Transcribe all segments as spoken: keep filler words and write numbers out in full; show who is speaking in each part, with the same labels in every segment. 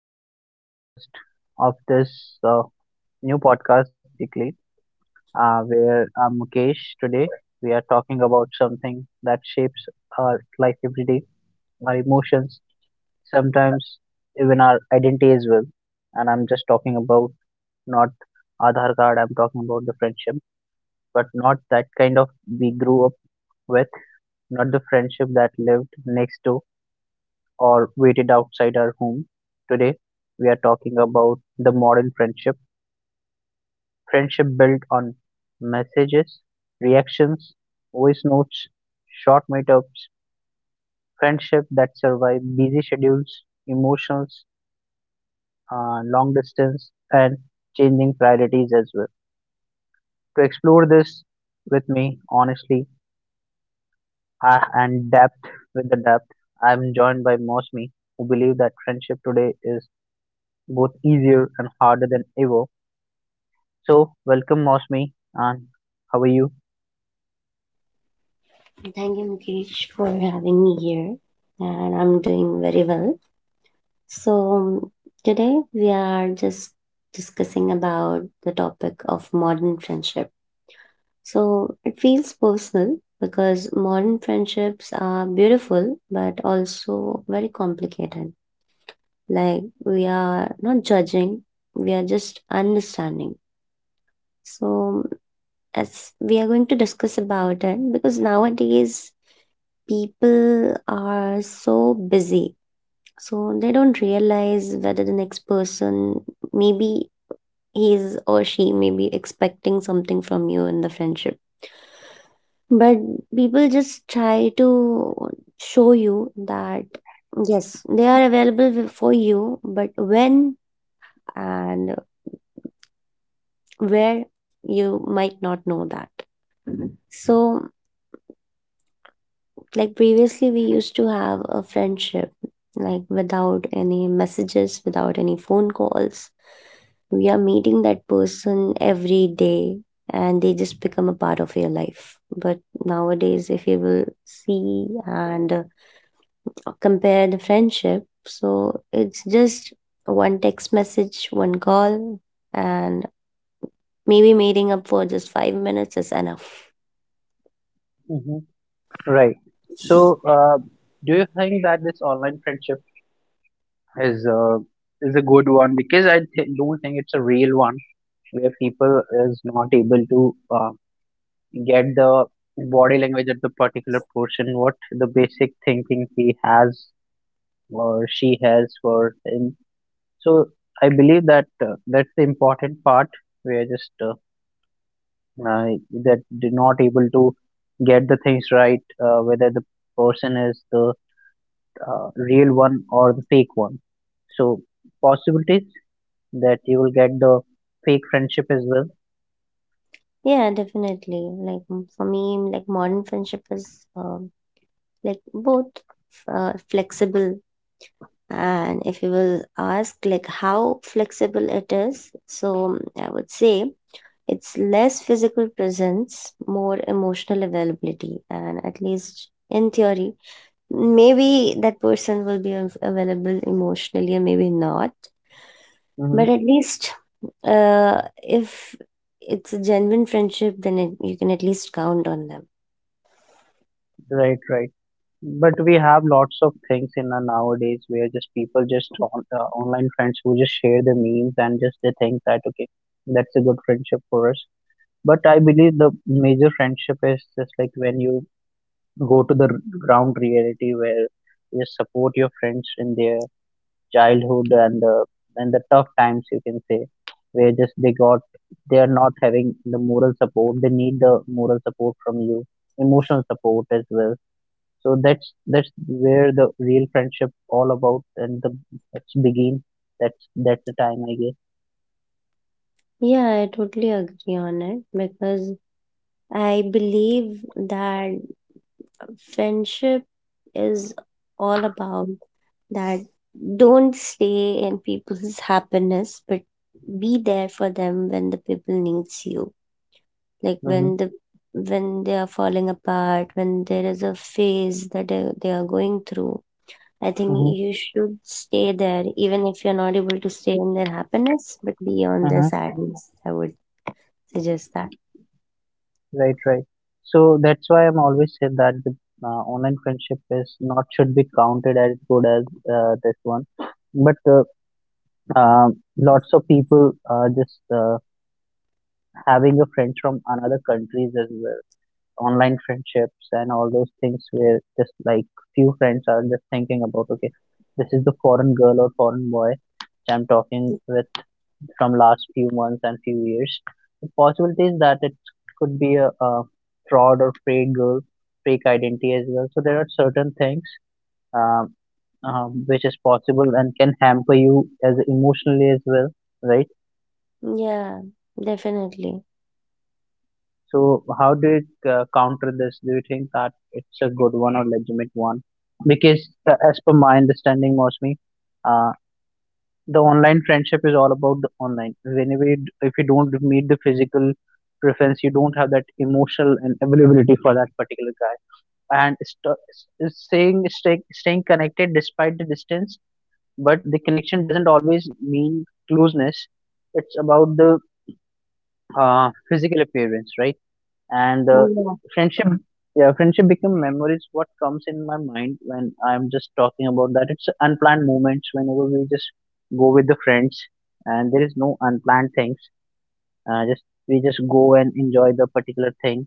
Speaker 1: back to the podcast of this uh, new podcast, basically, uh, where I'm Mukesh. Today, we are talking about something that shapes our life every day, our emotions, sometimes even our identity as well. And I'm just talking about not Aadhaar card, I'm talking about the friendship, but not that kind of we grew up with, not the friendship that lived next to or waited outside our home. Today, we are talking about the modern friendship, friendship built on messages, reactions, voice notes, short meetups, friendship that survive busy schedules, emotions, uh, long distance, and changing priorities as well. To explore this with me honestly uh, and depth with the depth, I'm joined by Mosmi, who believe that friendship today is both easier and harder than ever. So, welcome, Mosmi, and how are you?
Speaker 2: Thank you, Mukesh, for having me here, and I'm doing very well. So, um, Today we are just discussing about the topic of modern friendship. So, it feels personal because modern friendships are beautiful but also very complicated. Like, we are not judging, we are just understanding. So, as we are going to discuss about it, because nowadays people are so busy so they don't realize whether the next person maybe he's or she may be expecting something from you in the friendship, but people just try to show you that yes they are available wi- for you, but when and where you might not know that so Like previously, we used to have a friendship, like without any messages, without any phone calls. We are meeting that person every day and they just become a part of your life. But nowadays, if you will see and uh, compare the friendship, so it's just one text message, one call, and maybe meeting up for just five minutes is enough.
Speaker 1: Hmm. Right. So, uh, do you think that this online friendship is uh, is a good one? Because I th- don't think it's a real one where people is not able to uh, get the body language of the particular person, what the basic thinking he has or she has for him. So, I believe that uh, that's the important part. Where just uh, uh, that did not able to get the things right, uh, whether the person is the uh, real one or the fake one, so possibilities that you will get the fake friendship as well.
Speaker 2: Yeah, definitely. Like m- for me, like modern friendship is uh, like both uh, flexible, and if you will ask like how flexible it is, so mm, I would say it's less physical presence, more emotional availability, and at least in theory maybe that person will be av- available emotionally and maybe not, but
Speaker 1: Hmm.
Speaker 2: at least uh, if it's a genuine friendship, then it, you can at least count on them.
Speaker 1: Right right but we have lots of things in our nowadays where just people just on, uh, online friends who just share the memes and just they think that, okay, that's a good friendship for us, but I believe the major friendship is just like when you go to the ground reality where you just support your friends in their childhood and uh, and the tough times, you can say, where just they got they are not having the moral support, they need the moral support from you, emotional support as well. So that's that's where the real friendship all about, and the that's begin that's that's the time, I guess.
Speaker 2: Yeah, I totally agree on it because I believe that friendship is all about that. Don't stay in people's happiness, but be there for them when the people needs you. like when
Speaker 1: Mm-hmm.
Speaker 2: the when they are falling apart, when there is a phase that they, they are going through, I think you should stay there even if you're not able to stay in their happiness, but be on their
Speaker 1: Mm-hmm.
Speaker 2: sadness, I would suggest that.
Speaker 1: Right, right. So that's why I'm always said that the uh, online friendship is not should be counted as good as uh, this one. But uh, um lots of people are just uh, having a friend from another countries as well. Online friendships and all those things where just like few friends are just thinking about, okay, this is the foreign girl or foreign boy which I'm talking with from last few months and few years. The possibility is that it could be a, a fraud or fake girl, fake identity as well. So there are certain things um, um, which is possible and can hamper you as emotionally as well, right?
Speaker 2: Yeah, definitely.
Speaker 1: So how do you uh, counter this? Do you think that it's a good one or legitimate one? Because uh, as per my understanding, mostly the online friendship is all about the online. Whenever you, d- if you don't meet the physical preference, you don't have that emotional and availability for that particular guy and st- s- saying stay, staying connected despite the distance, but the connection doesn't always mean closeness. It's about the uh, physical appearance, right? And uh,
Speaker 2: Yeah.
Speaker 1: friendship yeah, friendship become memories. What comes in my mind when I'm just talking about that, it's unplanned moments. Whenever we just go with the friends and there is no unplanned things, uh, just we just go and enjoy the particular thing.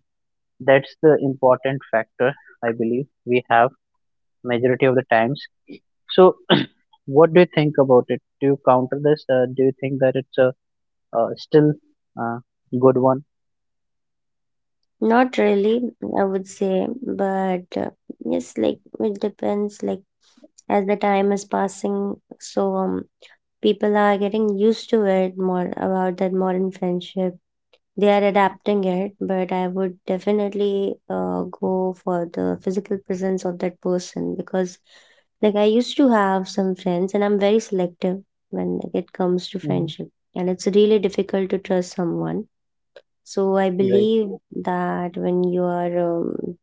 Speaker 1: That's the important factor, I believe, we have majority of the times. So what do you think about it? Do you counter this? Uh, do you think that it's a uh, still uh, good one?
Speaker 2: Not really, I would say, but uh, yes, like it depends, like as the time is passing, so um, people are getting used to it more about that modern friendship. They are adapting it, but I would definitely uh, go for the physical presence of that person because like I used to have some friends and I'm very selective when, like, it comes to
Speaker 1: Hmm.
Speaker 2: friendship, and it's really difficult to trust someone. So I
Speaker 1: Right.
Speaker 2: believe that when you are um,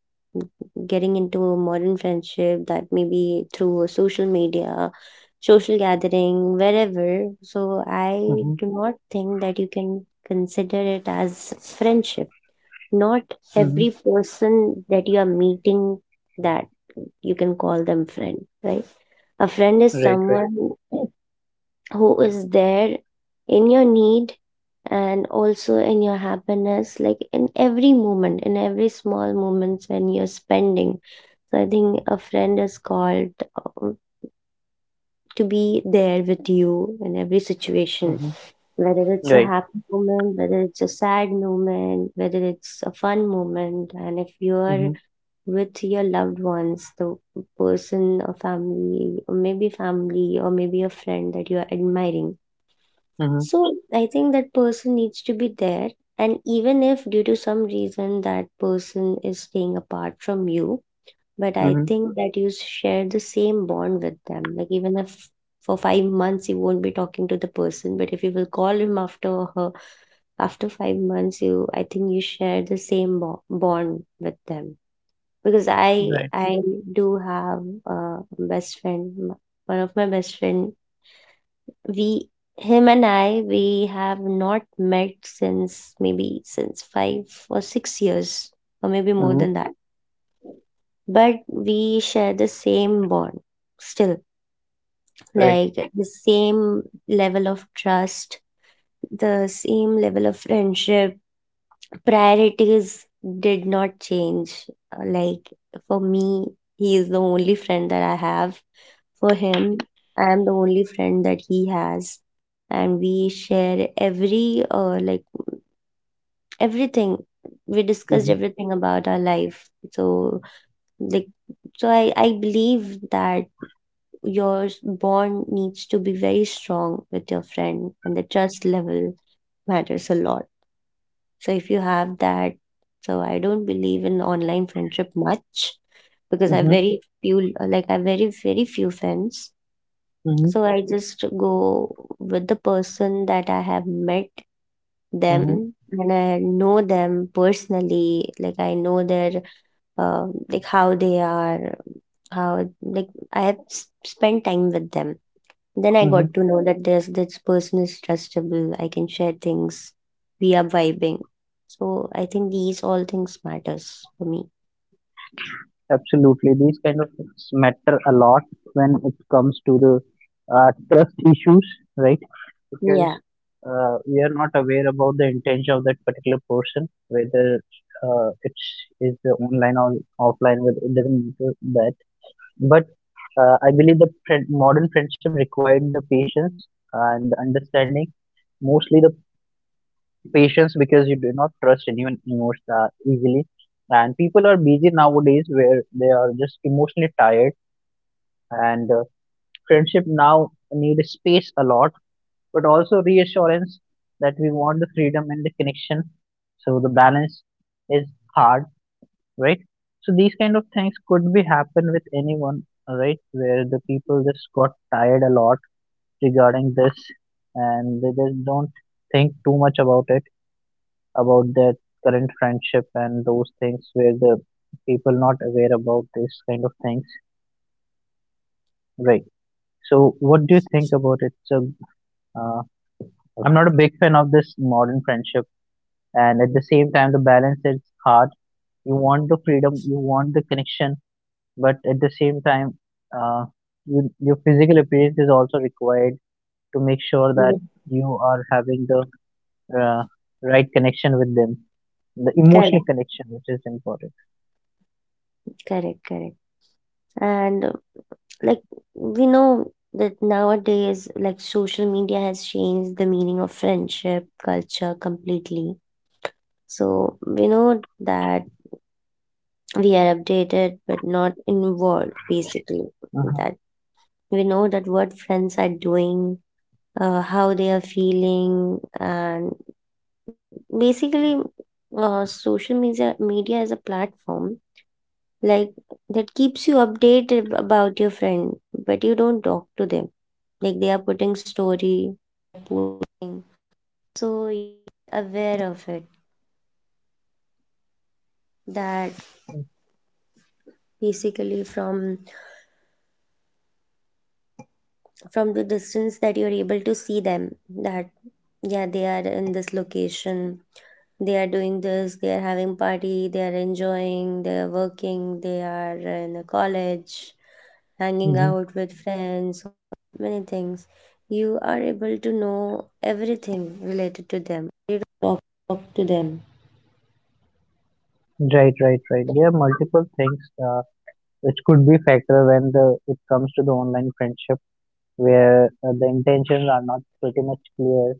Speaker 2: getting into a modern friendship, that maybe through a social media, social gathering, wherever, so I
Speaker 1: Hmm.
Speaker 2: do not think that you can consider it as friendship. Not
Speaker 1: Hmm.
Speaker 2: every person that you are meeting that you can call them friend, right? A friend is
Speaker 1: Right,
Speaker 2: someone who is there in your need and also in your happiness, like in every moment, in every small moments when you're spending, so I think a friend is called um, to be there with you in every situation,
Speaker 1: right.
Speaker 2: whether it's a
Speaker 1: Right.
Speaker 2: happy moment, whether it's a sad moment, whether it's a fun moment. And if you're
Speaker 1: Mhm.
Speaker 2: with your loved ones, the person or family or maybe family, or maybe a friend that you are admiring,
Speaker 1: Mhm.
Speaker 2: so I think that person needs to be there. And even if due to some reason that person is staying apart from you, but I
Speaker 1: Mhm.
Speaker 2: think that you share the same bond with them. Like even if for five months you won't be talking to the person, but if you will call him after her after five months, you, I think you share the same bo- bond with them. Because I
Speaker 1: Right.
Speaker 2: I do have a best friend, m- one of my best friend, we, him and I, we have not met since maybe since five or six years, or maybe more
Speaker 1: Mhm.
Speaker 2: than that. But we share the same bond still,
Speaker 1: Right.
Speaker 2: like the same level of trust, the same level of friendship. Priorities did not change. Uh, Like for me, he is the only friend that I have. For him, I am the only friend that he has, and we share every uh, like everything. We discussed
Speaker 1: Mhm.
Speaker 2: everything about our life. So like so I, I believe that your bond needs to be very strong with your friend, and the trust level matters a lot. So if you have that, so I don't believe in online friendship much, because I have
Speaker 1: Mhm.
Speaker 2: very few, like I have very very few friends. So
Speaker 1: Mhm.
Speaker 2: I just go with the person that I have met them
Speaker 1: Mhm.
Speaker 2: and I know them personally. Like I know their uh, like how they are, how, like I have s- spent time with them. Then I got
Speaker 1: Mhm.
Speaker 2: to know that this this person is trustable. I can share things. We are vibing. So I think these all things matters for me.
Speaker 1: Absolutely. These kind of things matter a lot when it comes to the uh, trust issues, right? Because
Speaker 2: Yeah.
Speaker 1: uh, we are not aware about the intention of that particular person, whether uh, it's is the online or offline, whether it doesn't matter that. But uh, I believe the friend, modern friendship required the patience and understanding, mostly the patience, because you do not trust anyone emotionally easily, and people are busy nowadays where they are just emotionally tired, and uh, friendship now need space a lot, but also reassurance, that we want the freedom and the connection. So the balance is hard, right? So these kind of things could be happen with anyone, right, where the people just got tired a lot regarding this, and they just don't think too much about it, about their current friendship and those things, where the people not aware about this kind of things, right? So what do you think about it? So uh, I'm not a big fan of this modern friendship, and at the same time, the balance is hard. You want the freedom, you want the connection, but at the same time, uh, you, your physical appearance is also required to make sure
Speaker 2: Yeah.
Speaker 1: that you are having the uh, right connection with them, the
Speaker 2: Correct.
Speaker 1: emotional connection, which is important.
Speaker 2: Correct. Correct. And like we know that nowadays like social media has changed the meaning of friendship culture completely, so we know that we are updated but not involved, basically. That we know that what friends are doing, uh, how they are feeling, and basically uh, social media media is a platform, like that keeps you updated ab- about your friend, but you don't talk to them, like they are putting stories.
Speaker 1: Uh. Right, right, right. There are multiple things uh, which could be factor when the it comes to the online friendship, where uh, the intentions are not pretty much clear.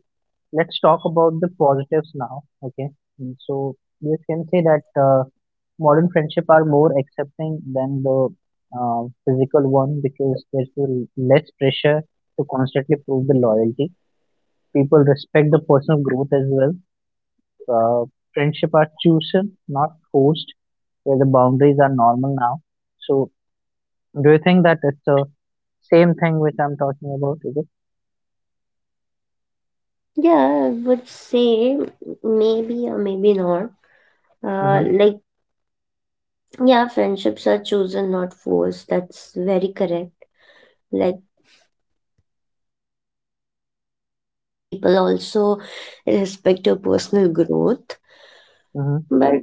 Speaker 1: Let's talk about the positives now. Okay. Mm, so you can say that uh, modern friendship are more accepting than the uh, physical one, because there's l- less pressure to constantly prove the loyalty. People respect the personal growth as well. uh, Friendship are chosen, not forced, where the boundaries are normal now. So, do you think that it's the same thing which I'm talking about? Is it?
Speaker 2: Yeah, I would say maybe or maybe not.
Speaker 1: Mm-hmm.
Speaker 2: Uh, like, yeah, friendships are chosen, not forced. That's very correct. Like, people also respect your personal growth.
Speaker 1: Mm-hmm.
Speaker 2: But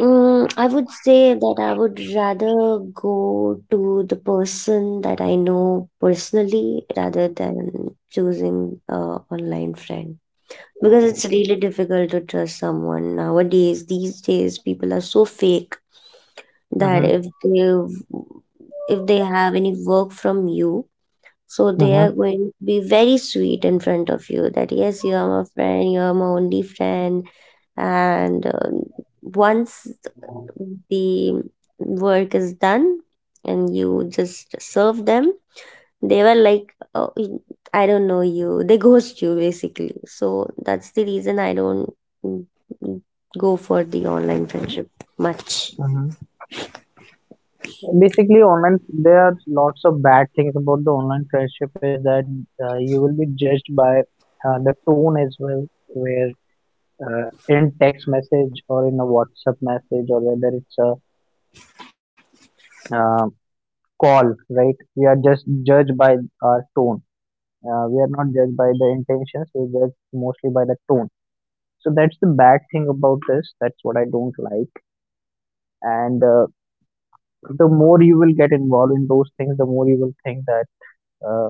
Speaker 2: mm I would say that I would rather go to the person that I know personally rather than choosing a online friend. Because it's really difficult to trust someone nowadays. These days, people are so fake that
Speaker 1: Mm-hmm.
Speaker 2: if they if they have any work from you, so they
Speaker 1: Mm-hmm.
Speaker 2: are going to be very sweet in front of you, that yes you are my friend, you are my only friend. And um, once the work is done and you just serve them, they were like, oh, y- I don't know you they ghost you, basically. So that's the reason I don't, mm, mm, go for the online friendship much.
Speaker 1: Mm-hmm. Basically, online there are lots of bad things about the online friendship, is that uh, you will be judged by uh, the tone as well, where uh, in text message or in a WhatsApp message, or whether it's a uh, call, right? We are just judged by our tone. Uh, we are not judged by the intentions, we are judged mostly by the tone. So that's the bad thing about this. That's what I don't like. And uh, the more you will get involved in those things, the more you will think that uh,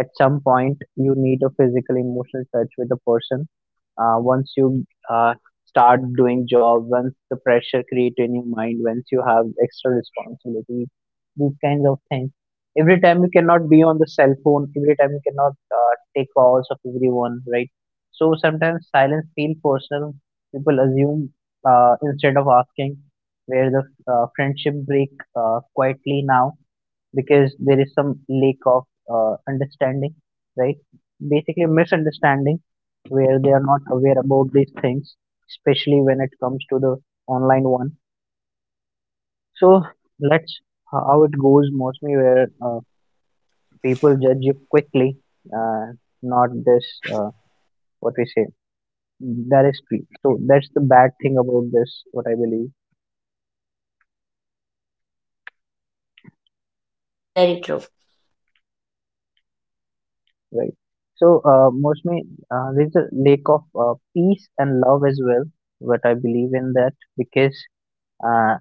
Speaker 1: at some point you need a physical, emotional touch with a person, uh, once you uh, start doing job, once the pressure created in your mind, once you have extra responsibility, these kinds of things. Every time you cannot be on the cell phone, every time you cannot uh, take calls of everyone, right? So sometimes silence feel personal, people assume, uh, instead of asking, where the uh, friendship break uh, quietly now, because there is some lack of uh, understanding, right? Basically, misunderstanding, where they are not aware about these things, especially when it comes to the online one. So let's uh, how it goes mostly, where uh, people judge you quickly, uh, not this uh, what we say. That is free. So that's the bad thing about this, what I believe.
Speaker 2: Very true.
Speaker 1: Right. So, uh, mostly uh, there's a lack of uh, peace and love as well. But I believe in that because uh,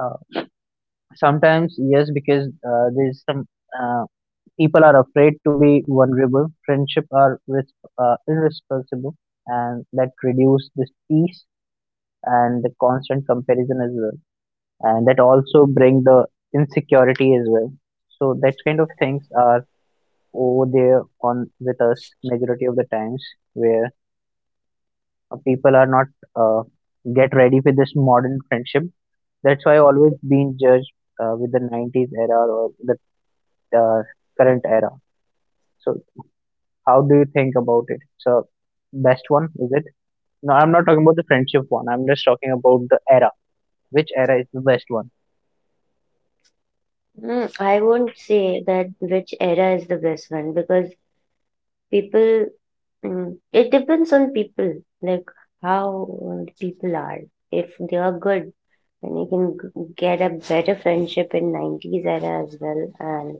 Speaker 1: uh, sometimes, yes, because uh, there's some uh, people are afraid to be vulnerable. Friendship are ris- uh, irresponsible, and that reduce this peace and the constant comparison as well, and that also bring the insecurity as well. So that kind of things are over there on with us majority of the times, where uh, people are not uh, get ready for this modern friendship. That's why I always been judged uh, with the nineties era or the uh, current era. So how do you think about it? So best one, is it? No, I'm not talking about the friendship one. I'm just talking about the era. Which era is the best one?
Speaker 2: Mm, I won't say that which era is the best one because people, mm, it depends on people, like how uh, people are. If they are good, then you can g- get a better friendship in nineties era as well. And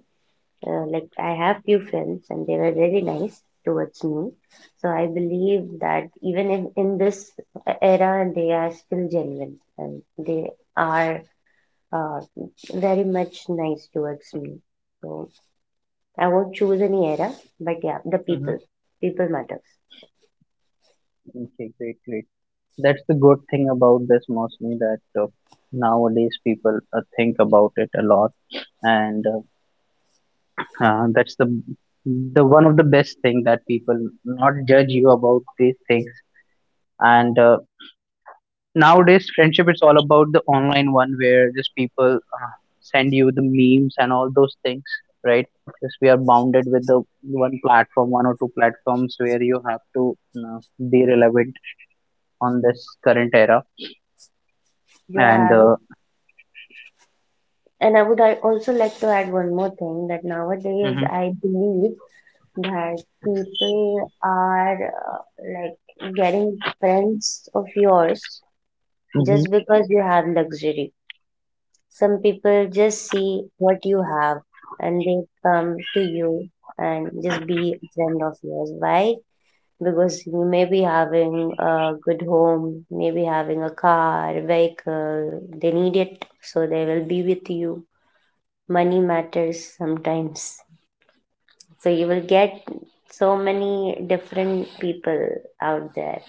Speaker 2: uh, like I have few friends and they were really nice towards me. So I believe that even if in this uh, era, they are still genuine and they are uh, very much nice towards me. So. I won't choose any era, but yeah, the
Speaker 1: Hmm.
Speaker 2: people. People matters.
Speaker 1: Okay, great, great. That's the good thing about this mostly, that uh, nowadays people uh, think about it a lot, and uh, Uh, that's the the one of the best thing, that people not judge you about these things. And uh, nowadays, friendship is all about the online one, where just people uh, send you the memes and all those things, right? Because we are bounded with the one platform, one or two platforms, where you have to uh, be relevant on this current era.
Speaker 2: Yeah,
Speaker 1: And
Speaker 2: I would,
Speaker 1: uh.
Speaker 2: and I would, I also like to add one more thing, that nowadays
Speaker 1: Hmm.
Speaker 2: I believe that people are uh, like getting friends of yours
Speaker 1: Hmm.
Speaker 2: just because you have luxury. Some people just see what you have, and they come to you and just be a friend of yours. Why? Because you may be having a good home, maybe having a car, vehicle, they need it, so they will be with you. Money matters sometimes. So you will get so many different people out there.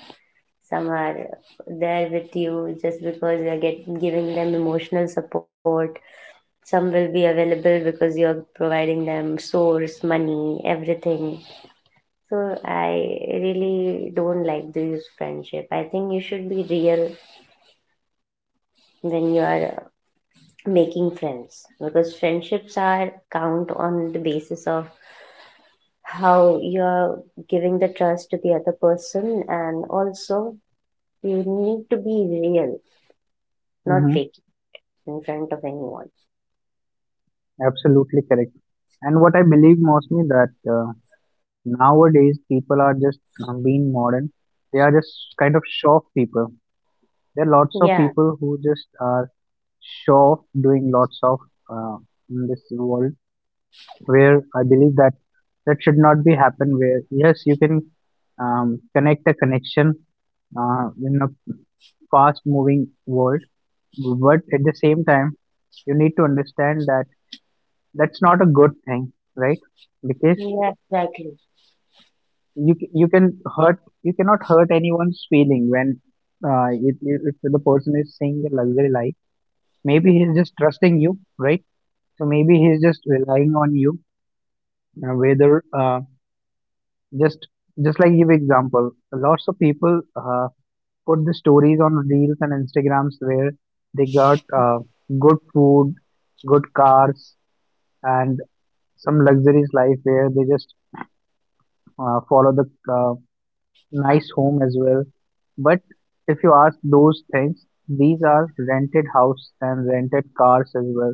Speaker 2: Some are there with you just because you're get, giving them emotional support. Some will be available because you're providing them source, money, everything. So I really don't like this friendship. I think you should be real when you are uh, making friends, because friendships are count on the basis of how you are giving the trust to the other person. And also you need to be real, not
Speaker 1: Hmm.
Speaker 2: fake in front of anyone.
Speaker 1: Absolutely correct. And what I believe mostly that, Uh, nowadays, people are just um, being modern. They are just kind of show off people. There are lots
Speaker 2: Yeah,
Speaker 1: of people who just are show off doing lots of uh, in this world, where I believe that that should not be happen. Where yes, you can um, connect a connection uh, in a fast moving world, but at the same time, you need to understand that that's not a good thing, right? Because
Speaker 2: yeah, exactly.
Speaker 1: you c- you can hurt you cannot hurt anyone's feeling when uh, if, if if the person is saying a luxury lie, maybe he's just trusting you, right? So maybe he's just relying on you, uh, whether uh, just just like give example, lots of people uh, put the stories on reels and instagrams where they got uh, good food, good cars, and some luxurious life where they just uh, follow the uh, nice home as well. But if you ask those things, these are rented house and rented cars as well.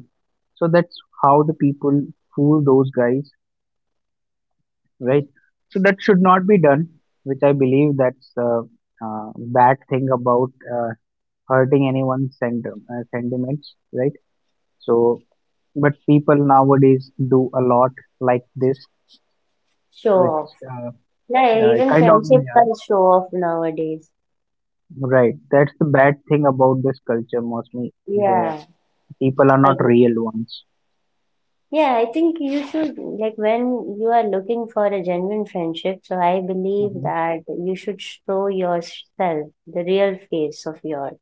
Speaker 1: So that's how the people fool those guys, right? So that should not be done, which I believe that's a uh, bad thing about uh, hurting anyone's sent- uh, sentiments, right? So, but people nowadays do a lot like this,
Speaker 2: Show
Speaker 1: which
Speaker 2: off.
Speaker 1: uh,
Speaker 2: Yeah,
Speaker 1: uh,
Speaker 2: even
Speaker 1: kind of,
Speaker 2: friendships
Speaker 1: yeah,
Speaker 2: are show off nowadays.
Speaker 1: right. That's the bad thing about this culture, mostly. There
Speaker 2: Yeah.
Speaker 1: people are not real ones.
Speaker 2: Yeah, I think you should, like, when you are looking for a genuine friendship, so I believe
Speaker 1: Hmm.
Speaker 2: that you should show yourself the real face of yours.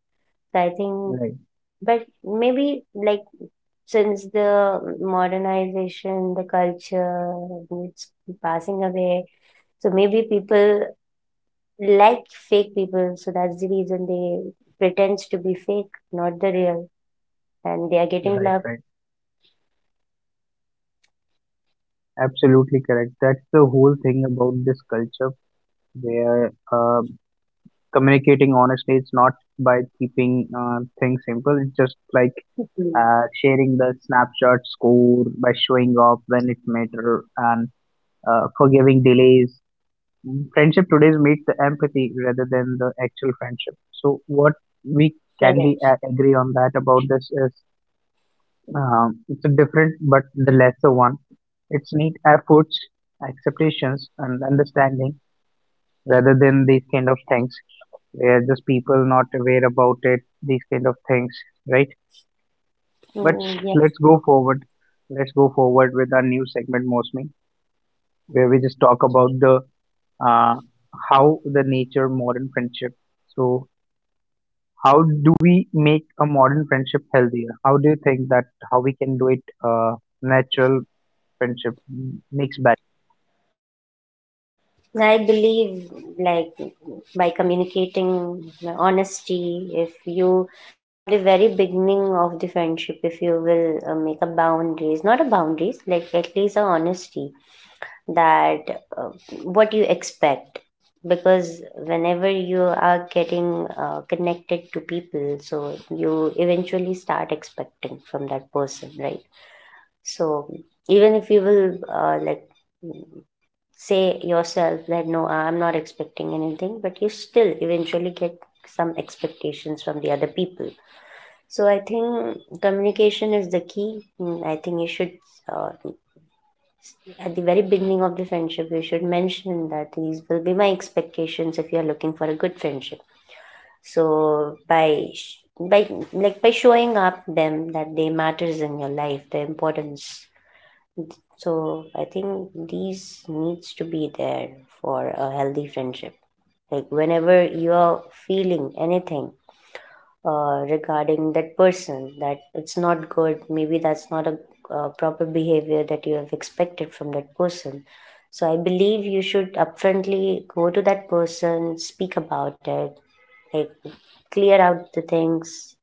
Speaker 2: So I think,
Speaker 1: Right,
Speaker 2: but maybe, like, since the modernization, the culture, it's passing away, so maybe people like fake people, so that's the reason they pretends to be fake, not the real, and they are getting
Speaker 1: right,
Speaker 2: love.
Speaker 1: right. Absolutely correct. That's the whole thing about this culture where uh, communicating honestly is not by keeping uh, things simple. It's just like
Speaker 2: Mm.
Speaker 1: uh, sharing the snapshot score by showing up when it matters and uh, forgiving delays. Friendship today is made the empathy rather than the actual friendship. So what we can we
Speaker 2: Correct.
Speaker 1: a- agree on that. About this is, um, it's a different but the lesser one. It's need efforts, acceptations, and understanding rather than these kind of things where just people not aware about it, these kind of things, right? But
Speaker 2: Mm, yeah.
Speaker 1: let's go forward. Let's go forward with our new segment, mostly, where we just talk about the uh, how the nature modern friendship. So how do we make a modern friendship healthier? How do you think that how we can do it? Uh, natural friendship m- makes bad.
Speaker 2: I believe, like, by communicating honesty, if you, if of the friendship, if you will uh, make a boundaries, not a boundaries, like at least a honesty that uh, what you expect. Because whenever you are getting uh, connected to people, so you eventually start expecting from that person, right? So even if you will uh, like say yourself that no I'm not expecting anything, but you still eventually get some expectations from the other people. So I think communication is the key. Mm, I think you should uh, at the very beginning of the friendship you should mention that these will be my expectations, if you are looking for a good friendship. So by sh- by like by showing up them that they matters in your life, the importance. So I think these needs to be there for a healthy friendship. Like whenever you are feeling anything uh, regarding that person, that it's not good, maybe that's not a uh, proper behavior that you have expected from that person. So I believe you should upfrontly go to that person, speak about it, like clear out the things.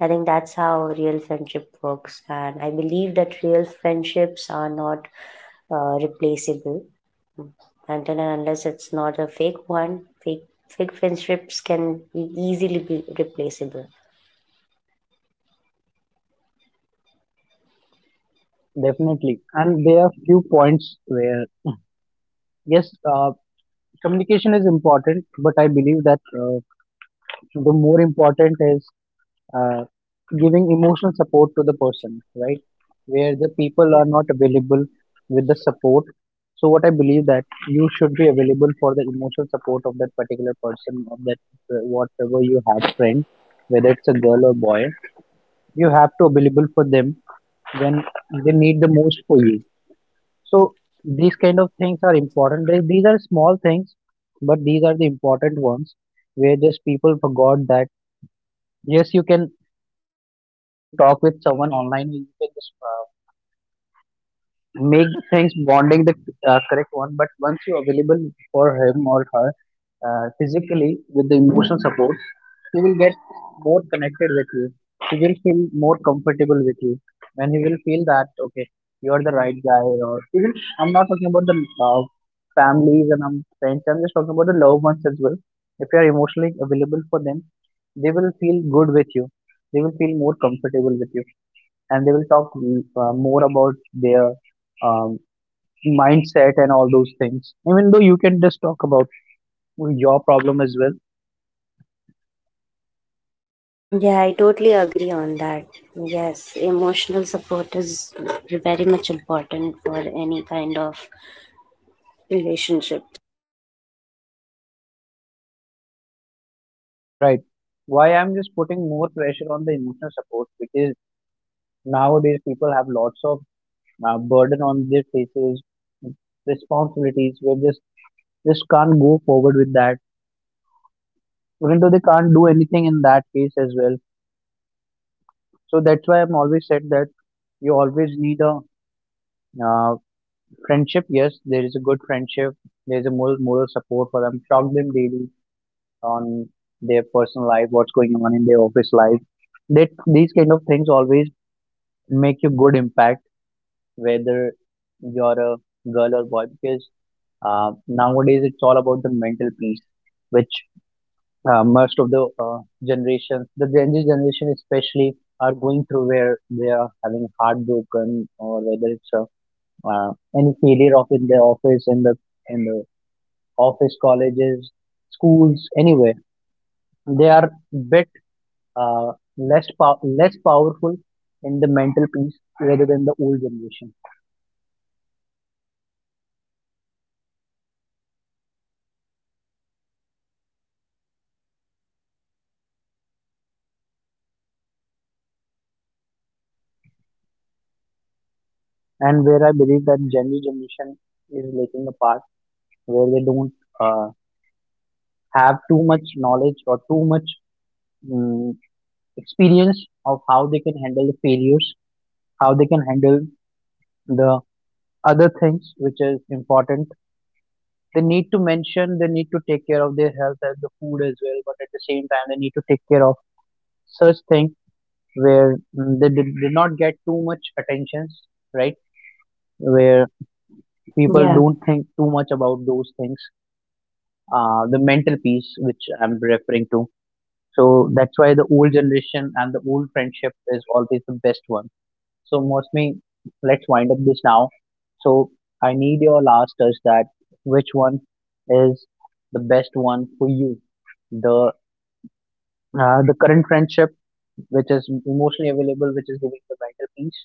Speaker 2: I think that's how real friendship works, and I believe that real friendships are not uh, replaceable. And then Unless it's not a fake one, fake fake friendships can be easily be replaceable.
Speaker 1: Definitely. And there are few points where, yes, uh, communication is important, but I believe that uh, the more important is uh, giving emotional support to the person, right? Where the people
Speaker 2: Yeah,
Speaker 1: are not available with the support. So, what I believe that you should be available for the emotional support of that particular person, of that, uh, whatever you had friend, whether it's a girl or boy, you have to available for them when they need the most for you. So these kind of things are important. They, these are small things, but these are the important ones where just people forgot that yes, you can, when you talk with someone online, you can just uh, make things bonding the uh, correct one. But once you're available for him or her uh, physically with the emotional support, he will get more connected with you, he will feel more comfortable with you, and he will feel that okay, you're the right guy. Or even, I'm not talking about the uh, families and I friends, I'm just talking about the loved ones as well. If you are emotionally available for them, they will feel good with you, they will feel more comfortable with you, and they will talk mm, uh, more about their, um, mindset and all those things. Even though you can just talk about your problem as well.
Speaker 2: yeah, I totally agree on that. Yes, emotional support is very much important for any kind of relationship.
Speaker 1: Right. Why I'm just putting more pressure on the emotional support because nowadays people have lots of uh, burden on their faces, responsibilities where just just can't go forward with that. Even though they can't do anything in that case as well. So that's why I'm always said that you always need a
Speaker 2: Agreed. I totally
Speaker 1: uh,
Speaker 2: agree on those these
Speaker 1: friendship. Yes,
Speaker 2: things.
Speaker 1: there is a good friendship.
Speaker 2: Emotional
Speaker 1: There's a
Speaker 2: support is
Speaker 1: moral,
Speaker 2: very
Speaker 1: moral
Speaker 2: much
Speaker 1: support for them.
Speaker 2: necessary,
Speaker 1: Talk them
Speaker 2: and
Speaker 1: daily
Speaker 2: people, like
Speaker 1: on
Speaker 2: when you
Speaker 1: their
Speaker 2: bond
Speaker 1: personal
Speaker 2: with
Speaker 1: life, what's
Speaker 2: someone,
Speaker 1: going
Speaker 2: so
Speaker 1: on in
Speaker 2: they
Speaker 1: their
Speaker 2: start
Speaker 1: office life.
Speaker 2: expecting.
Speaker 1: That these kind of things always make
Speaker 2: Hmm.
Speaker 1: you good impact, whether you're a girl or boy, because uh, nowadays it's all about the mental peace, which uh,
Speaker 2: Hmm.
Speaker 1: most of the uh, generations, the Gen Z generation especially, are going through, where they are having heartbroken or whether it's a, uh, any failure of in their office, in the in the office, colleges, schools, anywhere. They are bit uh, less pow- less powerful in the mental peace rather than the old generation.
Speaker 2: Yeah, I also believe the same. And I, yeah, emotional support, physical support, all is
Speaker 1: And where I
Speaker 2: important.
Speaker 1: believe that Gen Z generation is lacking a part where they don't uh, have too much knowledge or too much, mm, experience of how they can handle the failures, how they can handle the other things which is important. They need to mention, they need to take care of their health and the food as well, but at the same time, they need to take care of such things where, mm, they did, did not get too much attentions, right? Where people
Speaker 2: Yeah.
Speaker 1: don't think too much about those things, uh, the mental peace which I'm referring to. So that's why the old generation and the old friendship is always the best one. So mostly, let's wind up this now. So I need your last touch that which one is the best one for you? The uh, the current friendship which is emotionally available, which is giving the mental peace,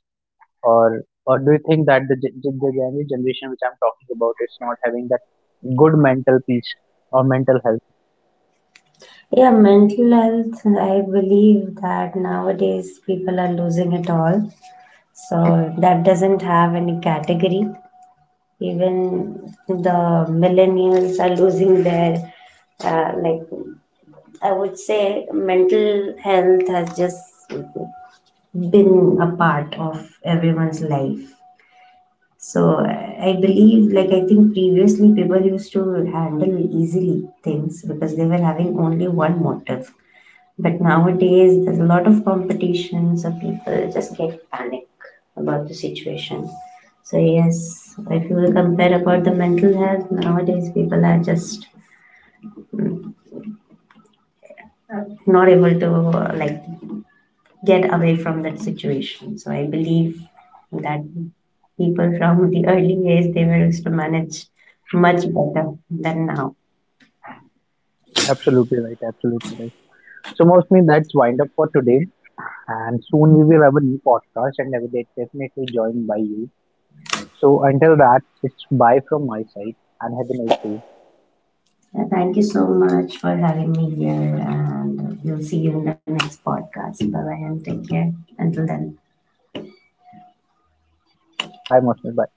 Speaker 1: or or do you think that the gen- gen- the generation which I'm talking about is not having that good mental peace or mental health?
Speaker 2: Yeah, mental health, I believe that nowadays people are losing it all. So that doesn't have any category. Even the millennials are losing their, uh, like, I would say mental health has just been a part of everyone's life. So I believe, like I think previously people used to handle easily things because they were having only one motive. But nowadays, there's a lot of competition, so people just get panic about the situation. So yes, if you will compare about the mental health, nowadays people are just not able to uh, like get away from that situation. So I believe that people from the early days they were used to manage much better than now.
Speaker 1: Absolutely right. Absolutely right. So mostly that's wind up for today. And soon we will have a new podcast and I will get definitely joined by you. So until that, it's bye from my side and have a nice day.
Speaker 2: Yeah, thank you so much for having me here, and we'll see you in the next podcast. Bye bye and take care. Until then.
Speaker 1: Bye, Mostly. Bye.